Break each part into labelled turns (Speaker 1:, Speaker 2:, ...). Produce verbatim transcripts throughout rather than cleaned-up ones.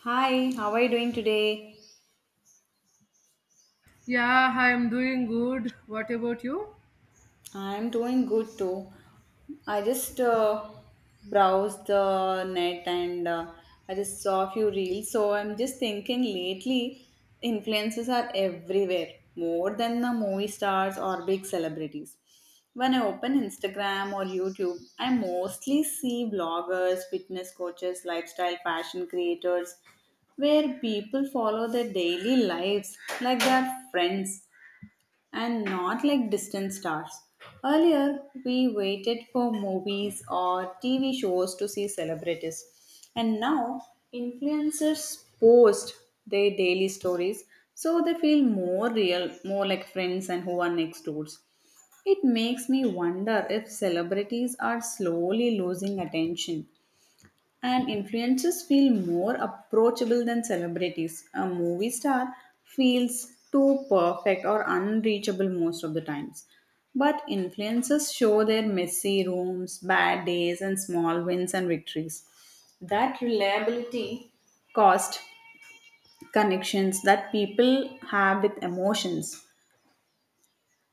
Speaker 1: Hi, how are you doing today?
Speaker 2: Yeah, I'm doing good. What about you?
Speaker 1: I'm doing good too. I just uh, browsed the net and uh, I just saw a few reels. So I'm just thinking lately, influencers are everywhere, more than the movie stars or big celebrities. When I open Instagram or YouTube, I mostly see bloggers, fitness coaches, lifestyle, fashion creators, where people follow their daily lives like they are friends and not like distant stars. Earlier, we waited for movies or T V shows to see celebrities, and now influencers post their daily stories so they feel more real, more like friends and who are next doors. It makes me wonder if celebrities are slowly losing attention and influencers feel more approachable than celebrities. A movie star feels too perfect or unreachable most of the times. But influencers show their messy rooms, bad days, and small wins and victories. That reliability caused connections that people have with emotions.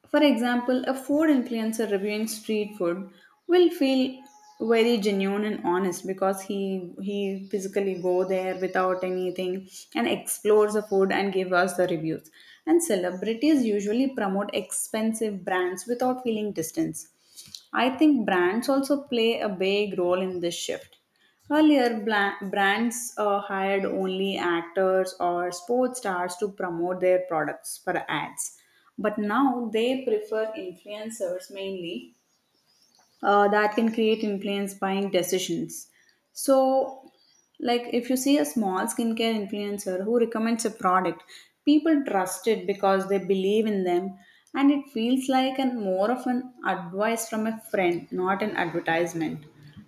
Speaker 1: For example, a food influencer reviewing street food will feel very genuine and honest because he he physically go there without anything and explores the food and give us the reviews. And celebrities usually promote expensive brands without feeling distance. I think brands also play a big role in this shift. Earlier, bla- brands uh, hired only actors or sports stars to promote their products for ads. But now they prefer influencers mainly, uh, that can create influence buying decisions. So, like, if you see a small skincare influencer who recommends a product, people trust it because they believe in them, and it feels like an more of an advice from a friend, not an advertisement.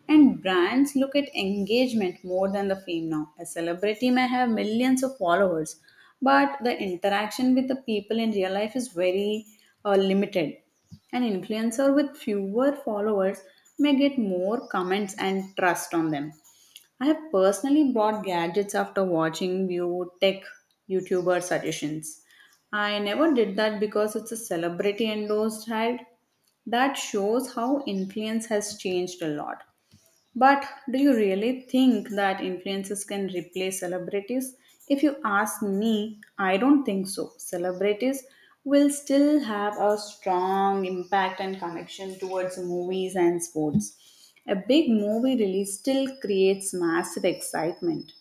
Speaker 1: And brands look at engagement more than the fame. Now a celebrity may have millions of followers, but the interaction with the people in real life is very uh, limited. An influencer with fewer followers may get more comments and trust on them. I have personally bought gadgets after watching new tech YouTuber suggestions. I never did that because it's a celebrity endorsed ad. That shows how influence has changed a lot. But do you really think that influencers can replace celebrities? If you ask me, I don't think so. Celebrities will still have a strong impact and connection towards movies and sports. A big movie release still creates massive excitement.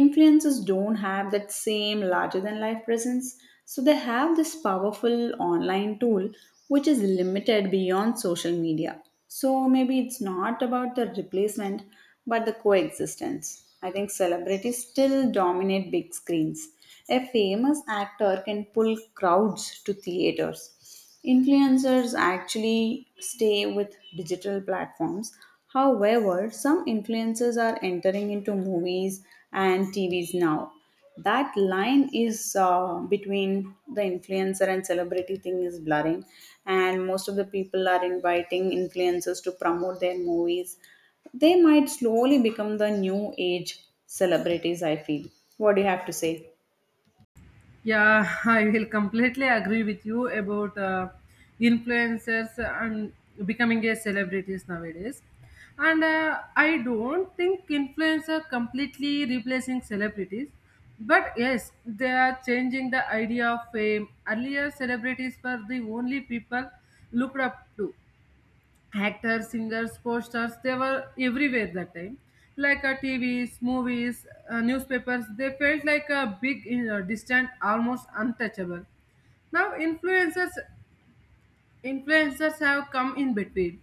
Speaker 1: Influencers don't have that same larger than life presence, so they have this powerful online tool which is limited beyond social media. So maybe it's not about the replacement, but the coexistence. I think celebrities still dominate big screens. A famous actor can pull crowds to theaters. Influencers actually stay with digital platforms. However, some influencers are entering into movies and T Vs now. That line is, uh, between the influencer and celebrity thing, is blurring, and most of the people are inviting influencers to promote their movies. They might slowly become the new age celebrities, I feel. What do you have to say?
Speaker 2: Yeah, I will completely agree with you about uh, influencers and becoming a celebrities nowadays. And uh, I don't think influencer completely replacing celebrities, but yes, they are changing the idea of fame. Earlier, celebrities were the only people looked up to, actors, singers, posters, they were everywhere that time. Like uh, T Vs, movies, uh, newspapers, they felt like a big, uh, distant, almost untouchable. Now influencers influencers have come in between,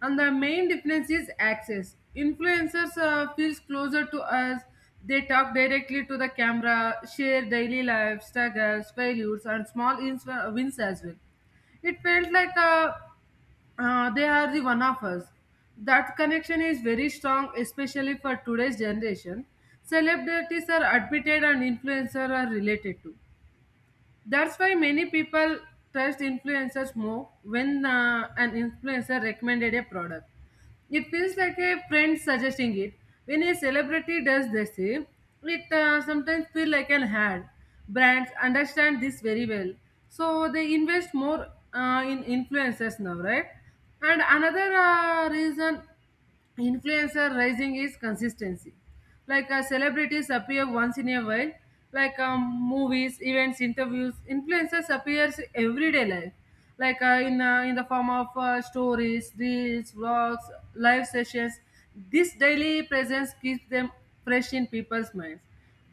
Speaker 2: and the main difference is access. Influencers uh, feels closer to us. They talk directly to the camera, share daily life struggles, failures, and small ins- uh, wins as well. It felt like a uh, they are the one of us. That connection is very strong, especially for today's generation. Celebrities are admitted and influencers are related to. That's why many people trust influencers more when uh, an influencer recommended a product. It feels like a friend suggesting it. When a celebrity does the same, it uh, sometimes feels like an ad. Brands understand this very well, so they invest more uh, in influencers now, right? And another uh, reason influencer rising is consistency, like uh, celebrities appear once in a while, like um, movies, events, interviews. Influencers appears everyday life, like uh, in uh, in the form of uh, stories, reels, vlogs, live sessions. This daily presence keeps them fresh in people's minds,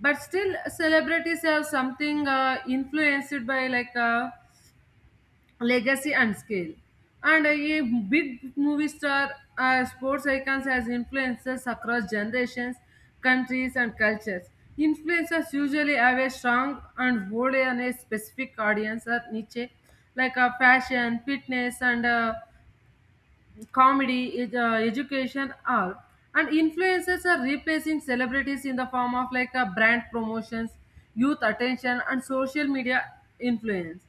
Speaker 2: but still celebrities have something uh, influenced by, like uh, legacy and scale. And a big movie star, uh, sports icons as influencers across generations, countries, and cultures. Influencers usually have a strong and hold on a specific audience or niche, like uh, fashion, fitness, and uh, comedy, ed- uh, education, all, and influencers are replacing celebrities in the form of, like uh, brand promotions, youth attention, and social media influence.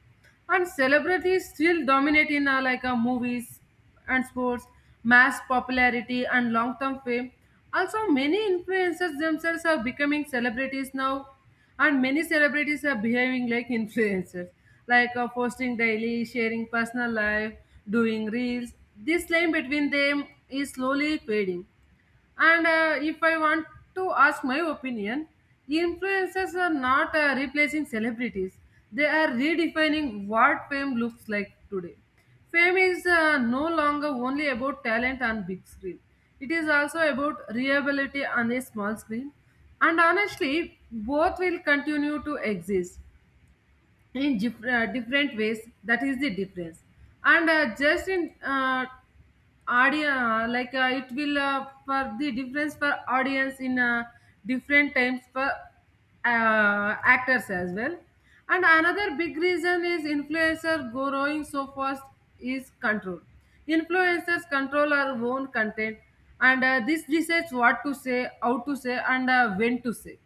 Speaker 2: And celebrities still dominate in uh, like uh, movies and sports, mass popularity, and long-term fame. Also, many influencers themselves are becoming celebrities now, and many celebrities are behaving like influencers, like uh, posting daily, sharing personal life, doing reels. This line between them is slowly fading. And uh, if I want to ask my opinion, influencers are not uh, replacing celebrities. They are redefining what fame looks like today. Fame is uh, no longer only about talent on big screen. It is also about reliability on a small screen. And honestly, both will continue to exist in dif- uh, different ways, that is the difference, and uh, just in uh, audio, uh, like uh, it will uh, for the difference for audience in uh, different times for uh, actors as well. And another big reason is influencer growing so fast is control. Influencers control our own content, and uh, this decides what to say, how to say, and uh, when to say.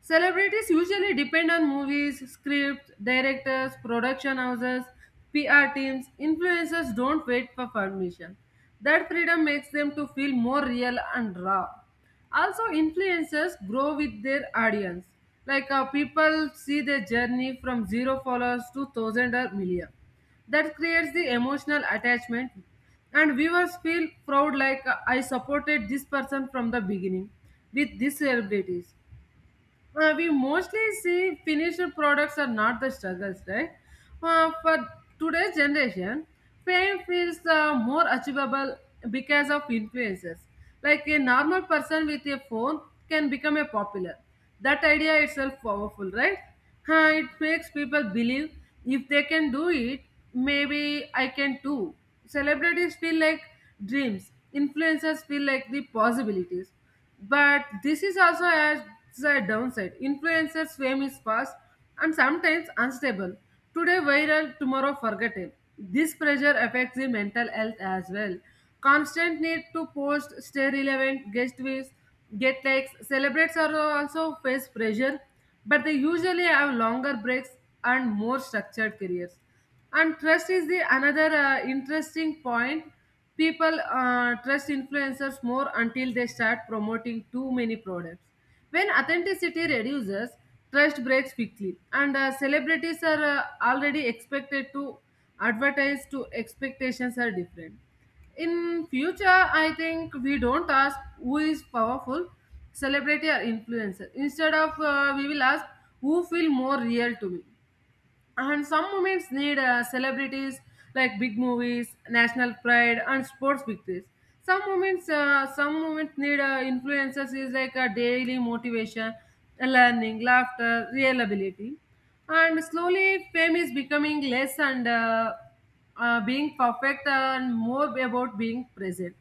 Speaker 2: Celebrities usually depend on movies, scripts, directors, production houses, P R teams. Influencers don't wait for permission. That freedom makes them to feel more real and raw. Also, influencers grow with their audience. Like uh, people see their journey from zero followers to thousand or million. That creates the emotional attachment, and viewers feel proud, like uh, I supported this person from the beginning. With these celebrities, uh, we mostly see finished products, are not the struggles, right? Uh, for today's generation, fame feels uh, more achievable because of influences. Like a normal person with a phone can become a popular. That idea itself powerful, right? Huh, it makes people believe if they can do it, maybe I can too. Celebrities feel like dreams, influencers feel like the possibilities. But this is also as a downside. Influencers' fame is fast and sometimes unstable. Today viral, tomorrow forgotten. This pressure affects the mental health as well. Constant need to post, stay relevant, get views, get likes. Celebrities are also face pressure, but they usually have longer breaks and more structured careers. And trust is the another uh, interesting point. People uh, trust influencers more until they start promoting too many products. When authenticity reduces, trust breaks quickly, and uh, celebrities are uh, already expected to advertise to. Expectations are different. In future, I think we don't ask who is powerful, celebrity or influencer. Instead of uh, we will ask, who feel more real to me? And some moments need uh, celebrities, like big movies, national pride, and sports victories. Some moments uh, some moments need uh, influencers, is like a daily motivation, learning, laughter, real ability. And slowly fame is becoming less and uh, uh, being perfect and more about being present.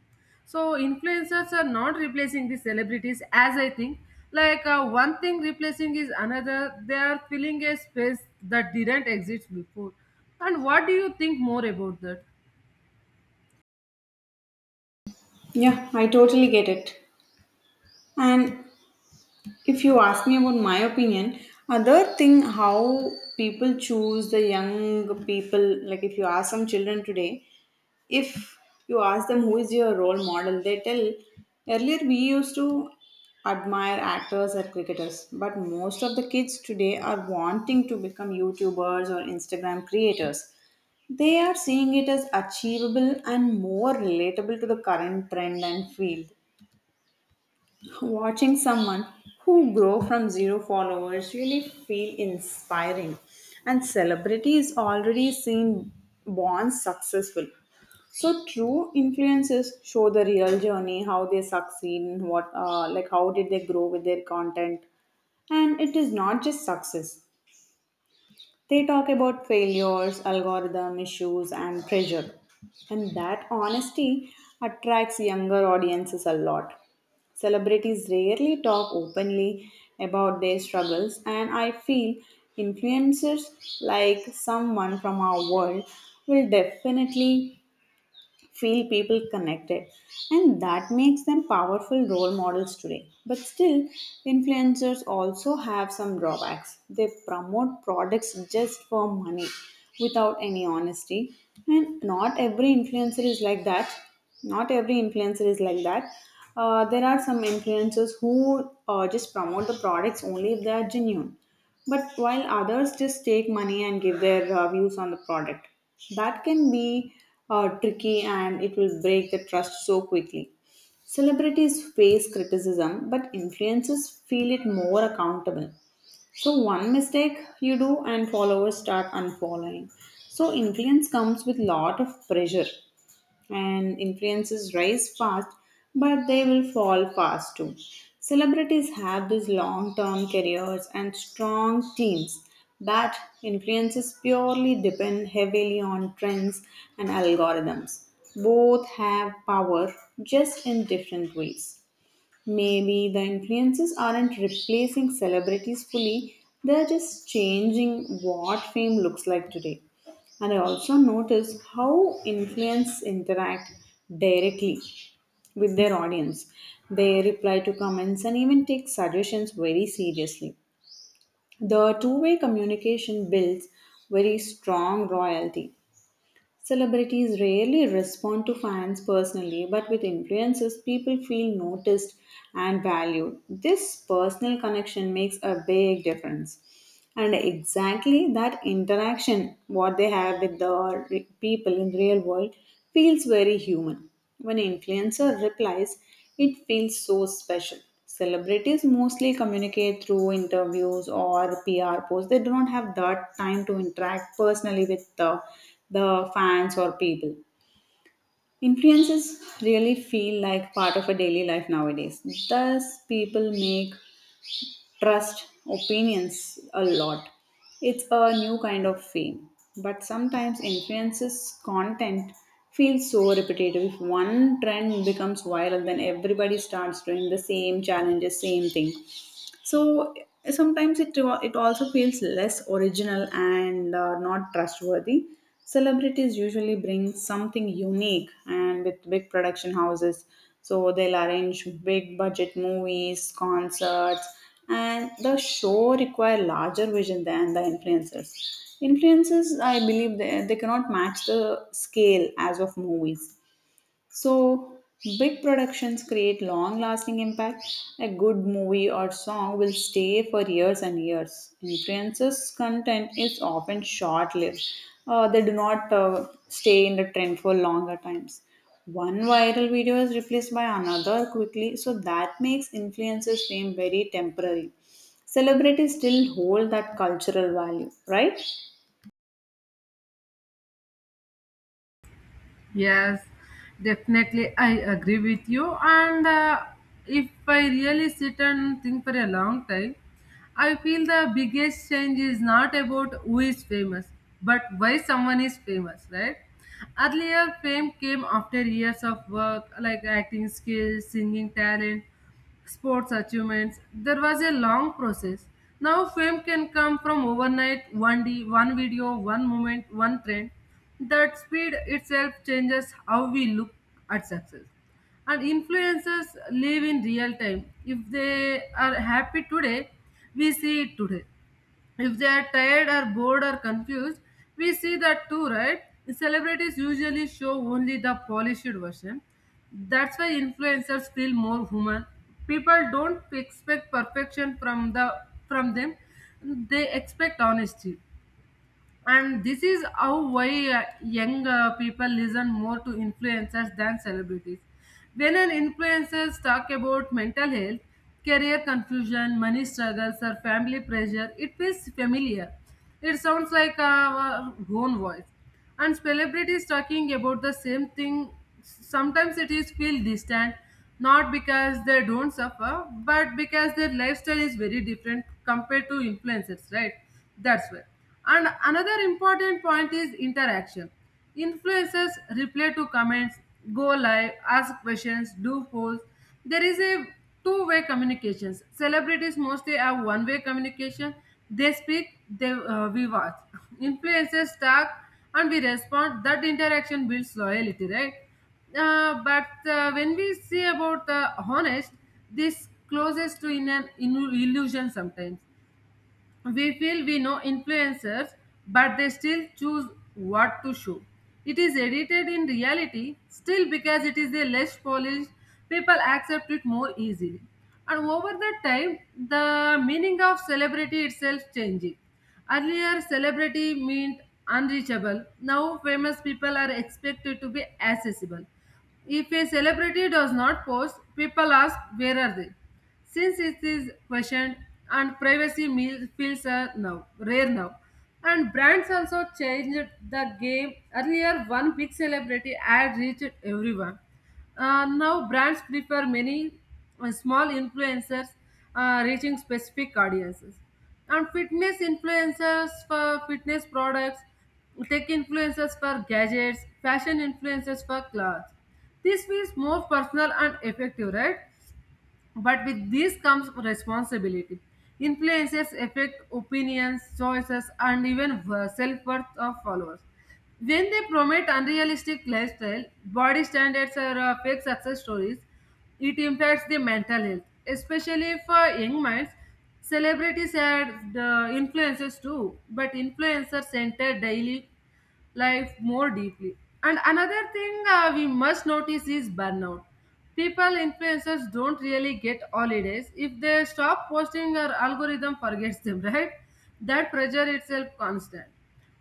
Speaker 2: So influencers are not replacing the celebrities, as I think. Like uh, one thing replacing is another, they are filling a space that didn't exist before. And what do you think more about that?
Speaker 1: Yeah, I totally get it. And if you ask me about my opinion, other thing how people choose the young people, like if you ask some children today, if you ask them who is your role model, they tell. Earlier, we used to admire actors or cricketers, but most of the kids today are wanting to become YouTubers or Instagram creators. They are seeing it as achievable and more relatable to the current trend and field. Watching someone who grow from zero followers really feel inspiring, and celebrity is already seen born successful. So true influences show the real journey, how they succeed, and what, uh, like, how did they grow with their content. And it is not just success. They talk about failures, algorithm issues and pressure. And that honesty attracts younger audiences a lot. Celebrities rarely talk openly about their struggles, and I feel influencers like someone from our world will definitely feel people connected, and that makes them powerful role models today. But still, influencers also have some drawbacks. They promote products just for money without any honesty. And not every influencer is like that. Not every influencer is like that. Uh, there are some influencers who uh, just promote the products only if they are genuine, but while others just take money and give their uh, views on the product, that can be uh, tricky, and it will break the trust so quickly. Celebrities face criticism, but influencers feel it more accountable. So, one mistake you do, and followers start unfollowing. So, influence comes with lot of pressure, and influences rise fast, but they will fall fast too. Celebrities have these long term careers and strong teams, but influences purely depend heavily on trends and algorithms. Both have power, just in different ways. Maybe the influencers aren't replacing celebrities fully, they're just changing what fame looks like today. And I also notice how influencers interact directly with their audience. They reply to comments and even take suggestions very seriously. The two way communication builds very strong royalty. Celebrities rarely respond to fans personally, but with influencers, people feel noticed and valued. This personal connection makes a big difference. And exactly that interaction what they have with the re- people in real world feels very human. When influencer replies, it feels so special. Celebrities mostly communicate through interviews or PR posts. They do not have that time to interact personally with the, the fans or people. Influences really feel like part of a daily life nowadays. Thus people make trust, opinions a lot. It's a new kind of fame, but sometimes influences content feels so repetitive. If one trend becomes viral, then everybody starts doing the same challenges, same thing. So sometimes it it also feels less original and uh, not trustworthy. Celebrities usually bring something unique and with big production houses, so they'll arrange big budget movies concerts, and the show require larger vision than the influencers. Influencers, I believe, they, they cannot match the scale as of movies. So, big productions create long lasting impact. A good movie or song will stay for years and years. Influencers' content is often short lived, uh, they do not uh, stay in the trend for longer times. One viral video is replaced by another quickly, so that makes influencers' fame very temporary. Celebrities still hold that cultural value, right?
Speaker 2: Yes, definitely. I agree with you. And uh, if I really sit and think for a long time, I feel the biggest change is not about who is famous, but why someone is famous, right? Earlier, fame came after years of work, like acting skills, singing talent, sports achievements. There was a long process. Now fame can come from overnight, one day, one video, one moment, one trend. That speed itself changes how we look at success. And influencers live in real time. If they are happy today, we see it today. If they are tired or bored or confused, we see that too, right? Celebrities usually show only the polished version. That's why influencers feel more human. People don't expect perfection from the from them. They expect honesty. And this is how, why uh, young uh, people listen more to influencers than celebrities. When an influencers talk about mental health, career confusion, money struggles, or family pressure, it feels familiar. It sounds like uh, our own voice. And celebrities talking about the same thing, sometimes it is feel distant, not because they don't suffer, but because their lifestyle is very different compared to influencers, right? That's why. And another important point is interaction. Influencers reply to comments, go live, ask questions, do polls. There is a two way communications. Celebrities mostly have one way communication. They speak, they, uh, we watch. Influencers talk and we respond. That interaction builds loyalty, right? Uh, but uh, when we see about the honest, this closest to, in an in- illusion, sometimes we feel we know influencers, but they still choose what to show. It is edited in reality, still because it is a less polished, people accept it more easily. And over the time, the meaning of celebrity itself changing. Earlier, celebrity meant unreachable. Now, famous people are expected to be accessible. If a celebrity does not post, people ask, where are they? Since it is questioned, and privacy meal- feels are now rare now. And brands also changed the game. Earlier, one big celebrity ad reached everyone. Uh, now brands prefer many uh, small influencers uh, reaching specific audiences. And fitness influencers for fitness products, tech influencers for gadgets, fashion influencers for clothes. This feels more personal and effective, right? But with this comes responsibility. Influences affect opinions, choices, and even self worth of followers. When they promote unrealistic lifestyle, body standards, or uh, fake success stories, it impacts the mental health, especially for young minds. Celebrities are the influencers too, but influencers enter daily life more deeply. And another thing, uh, we must notice, is burnout. People influencers don't really get holidays. If they stop posting, our algorithm forgets them, right? That pressure itself constant.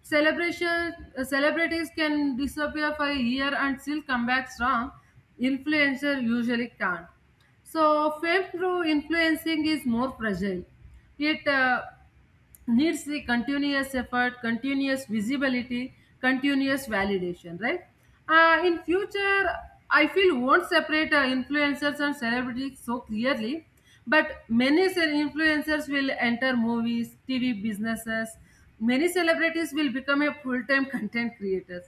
Speaker 2: Celebration uh, celebrities can disappear for a year and still come back strong. Influencer usually can't. So fame through influencing is more fragile. It uh, needs the continuous effort, continuous visibility, continuous validation, right? Uh, in future, I feel won't separate uh, influencers and celebrities so clearly, but many cel- influencers will enter movies, T V businesses. Many celebrities will become a full-time content creators.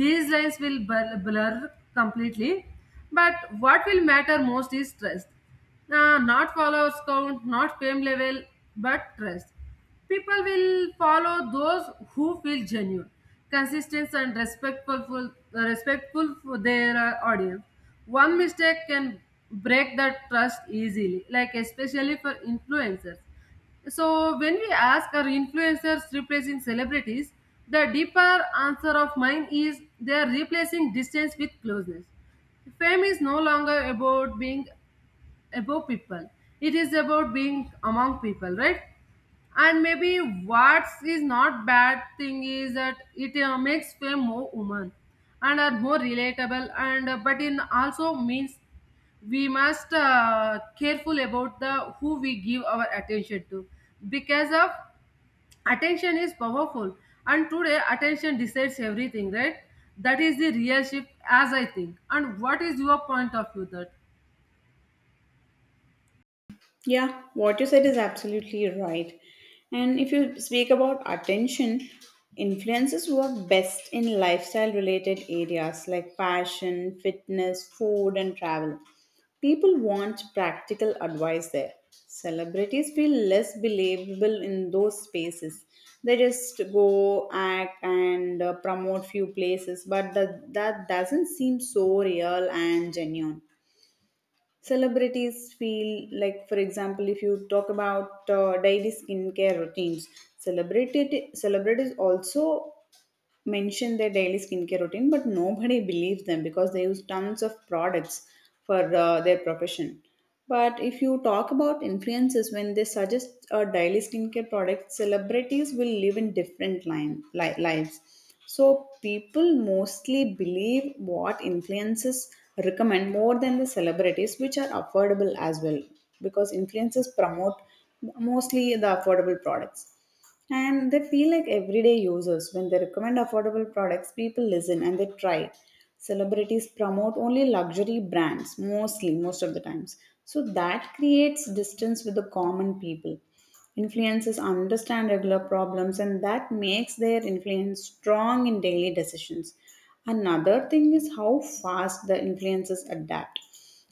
Speaker 2: These lines will blur, blur completely. But what will matter most is trust. Uh, not followers count, not fame level, but trust. People will follow those who feel genuine, consistent, and respectful, respectful for their uh, audience. One mistake can break that trust easily, like especially for influencers. So when we ask, our influencers replacing celebrities, the deeper answer of mine is, they are replacing distance with closeness. Fame is no longer about being above people, it is about being among people, right? And maybe what is not bad thing is that it uh, makes them more human and are more relatable, and uh, but in also means we must uh, careful about the who we give our attention to, because of attention is powerful, and today attention decides everything, right? That is the real shift, as I think. And what is your point of view that?
Speaker 1: Yeah, what you said is absolutely right. And if you speak about attention, influences work best in lifestyle related areas like fashion, fitness, food, and travel. People want practical advice there. Celebrities feel less believable in those spaces. They just go act and uh, promote few places, but that, that doesn't seem so real and genuine. Celebrities feel like, for example, if you talk about uh, daily skincare routines, celebrity celebrities also mention their daily skincare routine, but nobody believes them because they use tons of products for uh, their profession. But if you talk about influences, when they suggest a daily skincare product, celebrities will live in different line, li- lives. So people mostly believe what influences recommend more than the celebrities, which are affordable as well, because influences promote mostly the affordable products, and they feel like everyday users. When they recommend affordable products, people listen and they try. Celebrities promote only luxury brands, mostly, most of the times. So that creates distance with the common people. Influencers understand regular problems, and that makes their influence strong in daily decisions. Another thing is how fast the influencers adapt.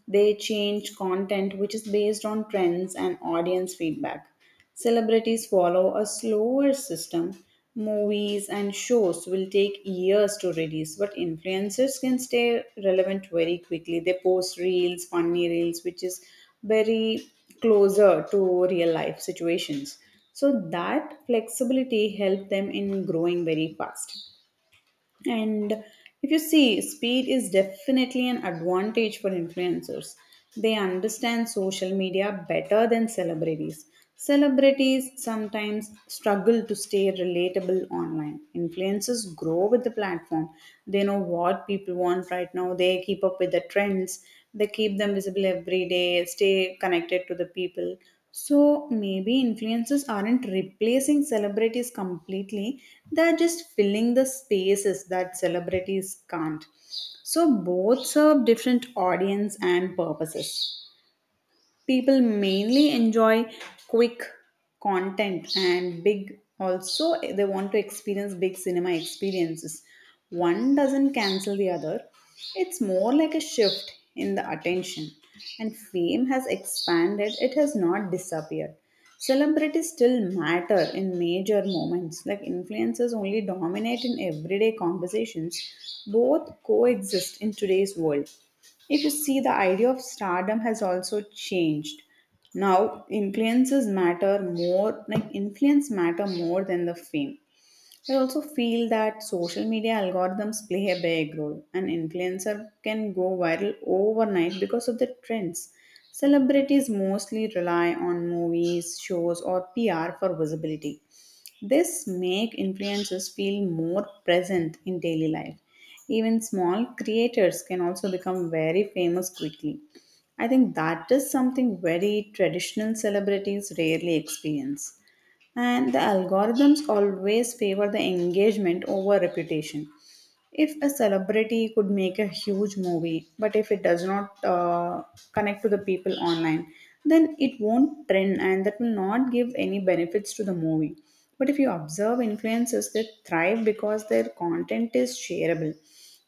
Speaker 1: They change content which is based on trends and audience feedback. Celebrities follow a slower system. Movies and shows will take years to release, but influencers can stay relevant very quickly. They post reels, funny reels, which is very closer to real life situations. So that flexibility helped them in growing very fast. And if you see, speed is definitely an advantage for influencers. They understand social media better than celebrities. Celebrities sometimes struggle to stay relatable online. Influencers grow with the platform. They know what people want right now. They keep up with the trends. They keep them visible every day, stay connected to the people. So maybe influencers aren't replacing celebrities completely, they're just filling the spaces that celebrities can't. So both serve different audience and purposes. People mainly enjoy quick content, and big also they want to experience big cinema experiences. One doesn't cancel the other. It's more like a shift in the attention, and fame has expanded, it has not disappeared. Celebrities still matter in major moments, like influencers only dominate in everyday conversations. Both coexist in today's world. If you see, the idea of stardom has also changed. Now, influences matter more, like influence matter more than the fame. I also feel that social media algorithms play a big role. An influencer can go viral overnight because of the trends. Celebrities mostly rely on movies, shows, or P R for visibility. This make influencers feel more present in daily life. Even small creators can also become very famous quickly. I think that is something very traditional celebrities rarely experience. And the algorithms always favor the engagement over reputation. If a celebrity could make a huge movie, but if it does not uh, connect to the people online, then it won't trend, and that will not give any benefits to the movie. But if you observe influencers, they thrive because their content is shareable.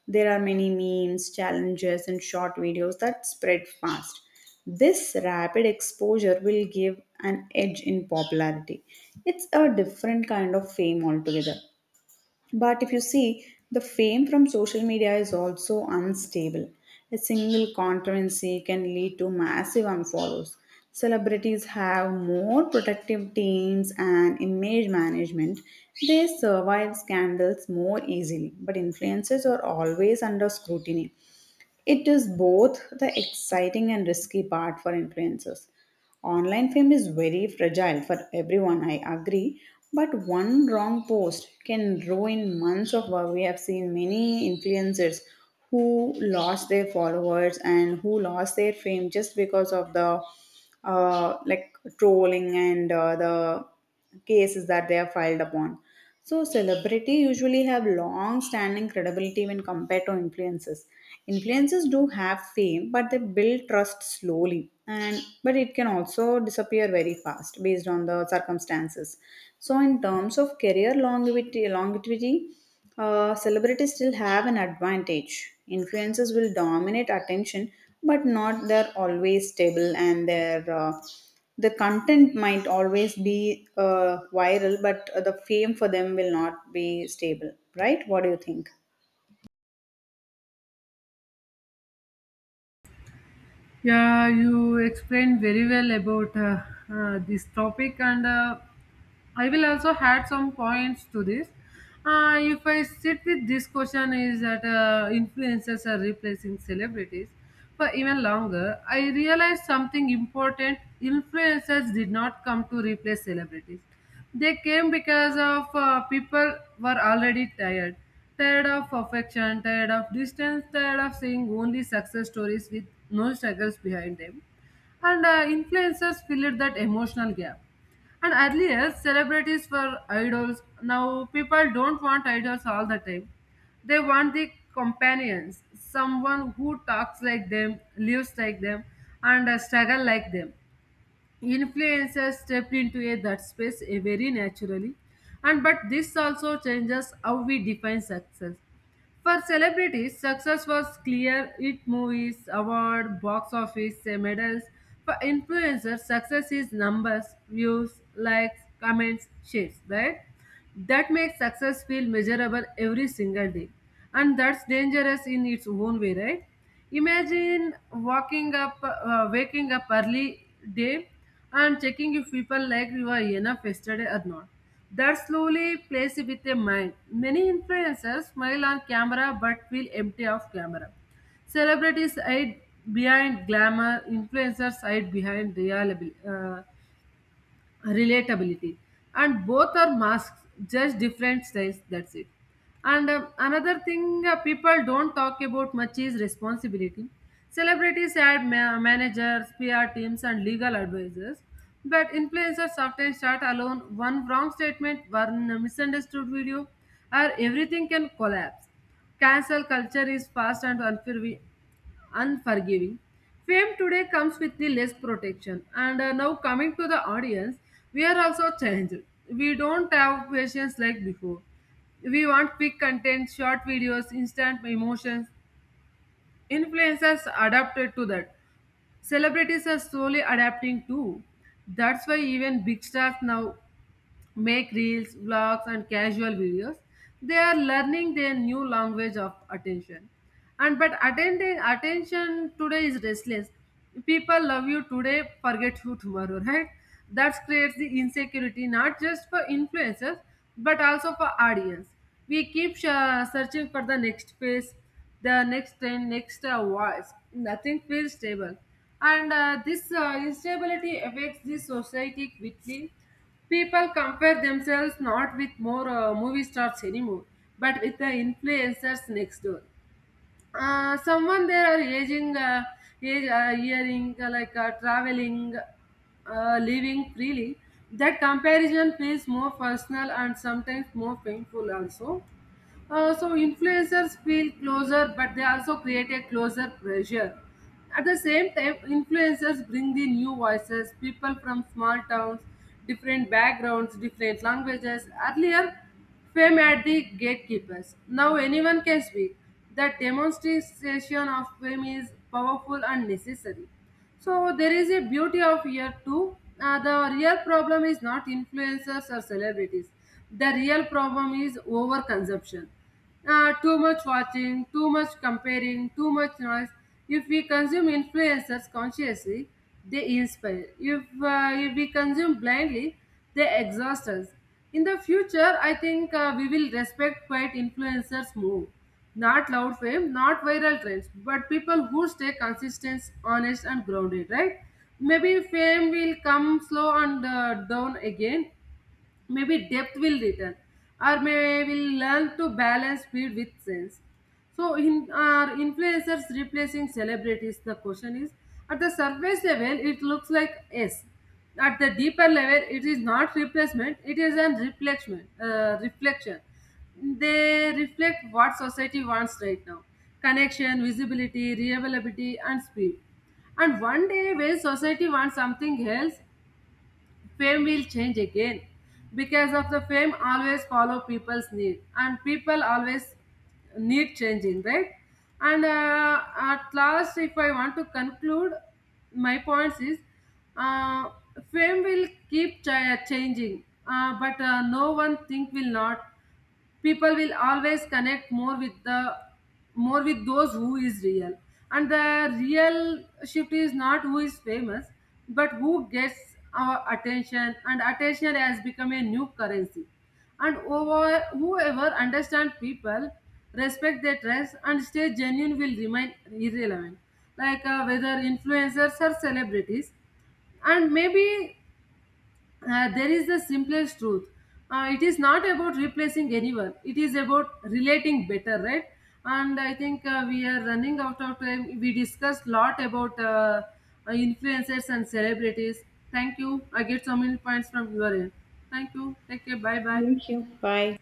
Speaker 1: There are many memes, challenges, and short videos that spread fast. This rapid exposure will give an edge in popularity. It's a different kind of fame altogether. But if you see, the fame from social media is also unstable. A single controversy can lead to massive unfollows. Celebrities have more protective teams and image management. They survive scandals more easily, but influencers are always under scrutiny. It is both the exciting and risky part for influencers. Online fame is very fragile for everyone, I agree, but one wrong post can ruin months of work. We have seen many influencers who lost their followers and who lost their fame just because of the, uh, like, trolling and uh, the cases that they are filed upon. So celebrity usually have long standing credibility when compared to influencers. Influencers do have fame, but they build trust slowly, and but it can also disappear very fast based on the circumstances. So in terms of career longevity longevity uh, celebrities still have an advantage. Influencers will dominate attention, but not they're always stable, and their uh, the content might always be uh, viral, but uh, the fame for them will not be stable. Right? What do you think?
Speaker 2: Yeah, you explained very well about uh, uh, this topic, and uh, I will also add some points to this. Uh, if I sit with this question, is that uh, influencers are replacing celebrities for even longer? I realized something important: influencers did not come to replace celebrities. They came because of uh, people were already tired, tired of affection, tired of distance, tired of seeing only success stories with no struggles behind them. And uh, Influencers filled that emotional gap. And earlier, celebrities were idols. Now, people don't want idols all the time. They want the companions, someone who talks like them, lives like them, and uh, struggle like them. Influencers step into a, that space eh, very naturally, and but this also changes how we define success. For celebrities, success was clear: it movies, award, box office, eh, medals. For influencers, success is numbers, views, likes, comments, shares, right? That makes success feel measurable every single day, and that's dangerous in its own way, right? Imagine walking up, uh, waking up early day and checking if people like you are enough yesterday or not. That slowly plays with a mind. Many influencers smile on camera but feel empty off camera. Celebrities hide behind glamour, influencers hide behind reliable, uh, relatability, and both are masks, just different styles, that's it. And um, another thing uh, people don't talk about much is responsibility. Celebrities add ma- managers, pr teams, and legal advisors, but influencers often start alone. One wrong statement, one misunderstood video, or everything can collapse. Cancel culture is fast and unfair, unforgiving. Fame today comes with the less protection. And uh, now coming to the audience, we are also changed. We don't have patience like before. We want quick content, short videos, instant emotions. Influencers adapted to that. Celebrities are slowly adapting too. That's why even big stars now make reels, vlogs, and casual videos. They are learning their new language of attention. And but attending attention today is restless. People love you today, forget you tomorrow, right? That creates the insecurity not just for influencers but also for audience. We keep uh, searching for the next phase, the next trend, next uh, voice. Nothing feels stable, and uh, this uh, instability affects the society quickly. People compare themselves not with more uh, movie stars anymore, but with the influencers next door. Uh, someone they are aging, uh, age, uh, hearing, uh, like uh, traveling, uh, living freely. That comparison feels more personal and sometimes more painful also. Uh, so influencers feel closer, but they also create a closer pressure. At the same time, influencers bring the new voices, people from small towns, different backgrounds, different languages. Earlier, fame had the gatekeepers. Now anyone can speak. The demonstration of fame is powerful and necessary. So there is a beauty of year two. Uh, the real problem is not influencers or celebrities. The real problem is overconsumption. Uh, too much watching, too much comparing, too much noise. If we consume influencers consciously, they inspire. If, uh, if we consume blindly, they exhaust us. In the future, I think uh, we will respect quite influencers more, not loud fame, not viral trends, but people who stay consistent, honest, and grounded, right? Maybe fame will come slow and uh, down again, maybe depth will return, or may will learn to balance speed with sense. So in our influencers replacing celebrities, the question is, at the surface level it looks like yes, at the deeper level it is not replacement, it is an reflection uh, reflection. They reflect what society wants right now: connection, visibility, reliability, and speed. And one day when society wants something else, fame will change again, because of the fame always follow people's need, and people always need changing, right? And uh, at last, if I want to conclude, my points is, uh, fame will keep ch- changing, uh, but uh, no one thing will not. People will always connect more with the more with those who is real. And the real shift is not who is famous, but who gets our attention, and attention has become a new currency. And over, whoever understand people, respect their trust, and stay genuine, will remain irrelevant, like uh, whether influencers or celebrities. And maybe uh, there is the simplest truth. Uh, it is not about replacing anyone. It is about relating better, right? And I think uh, we are running out of time. We discussed lot about uh, uh, influencers and celebrities. Thank you. I get so many points from your end. Thank you. Take care. Bye bye.
Speaker 1: Thank you. Bye.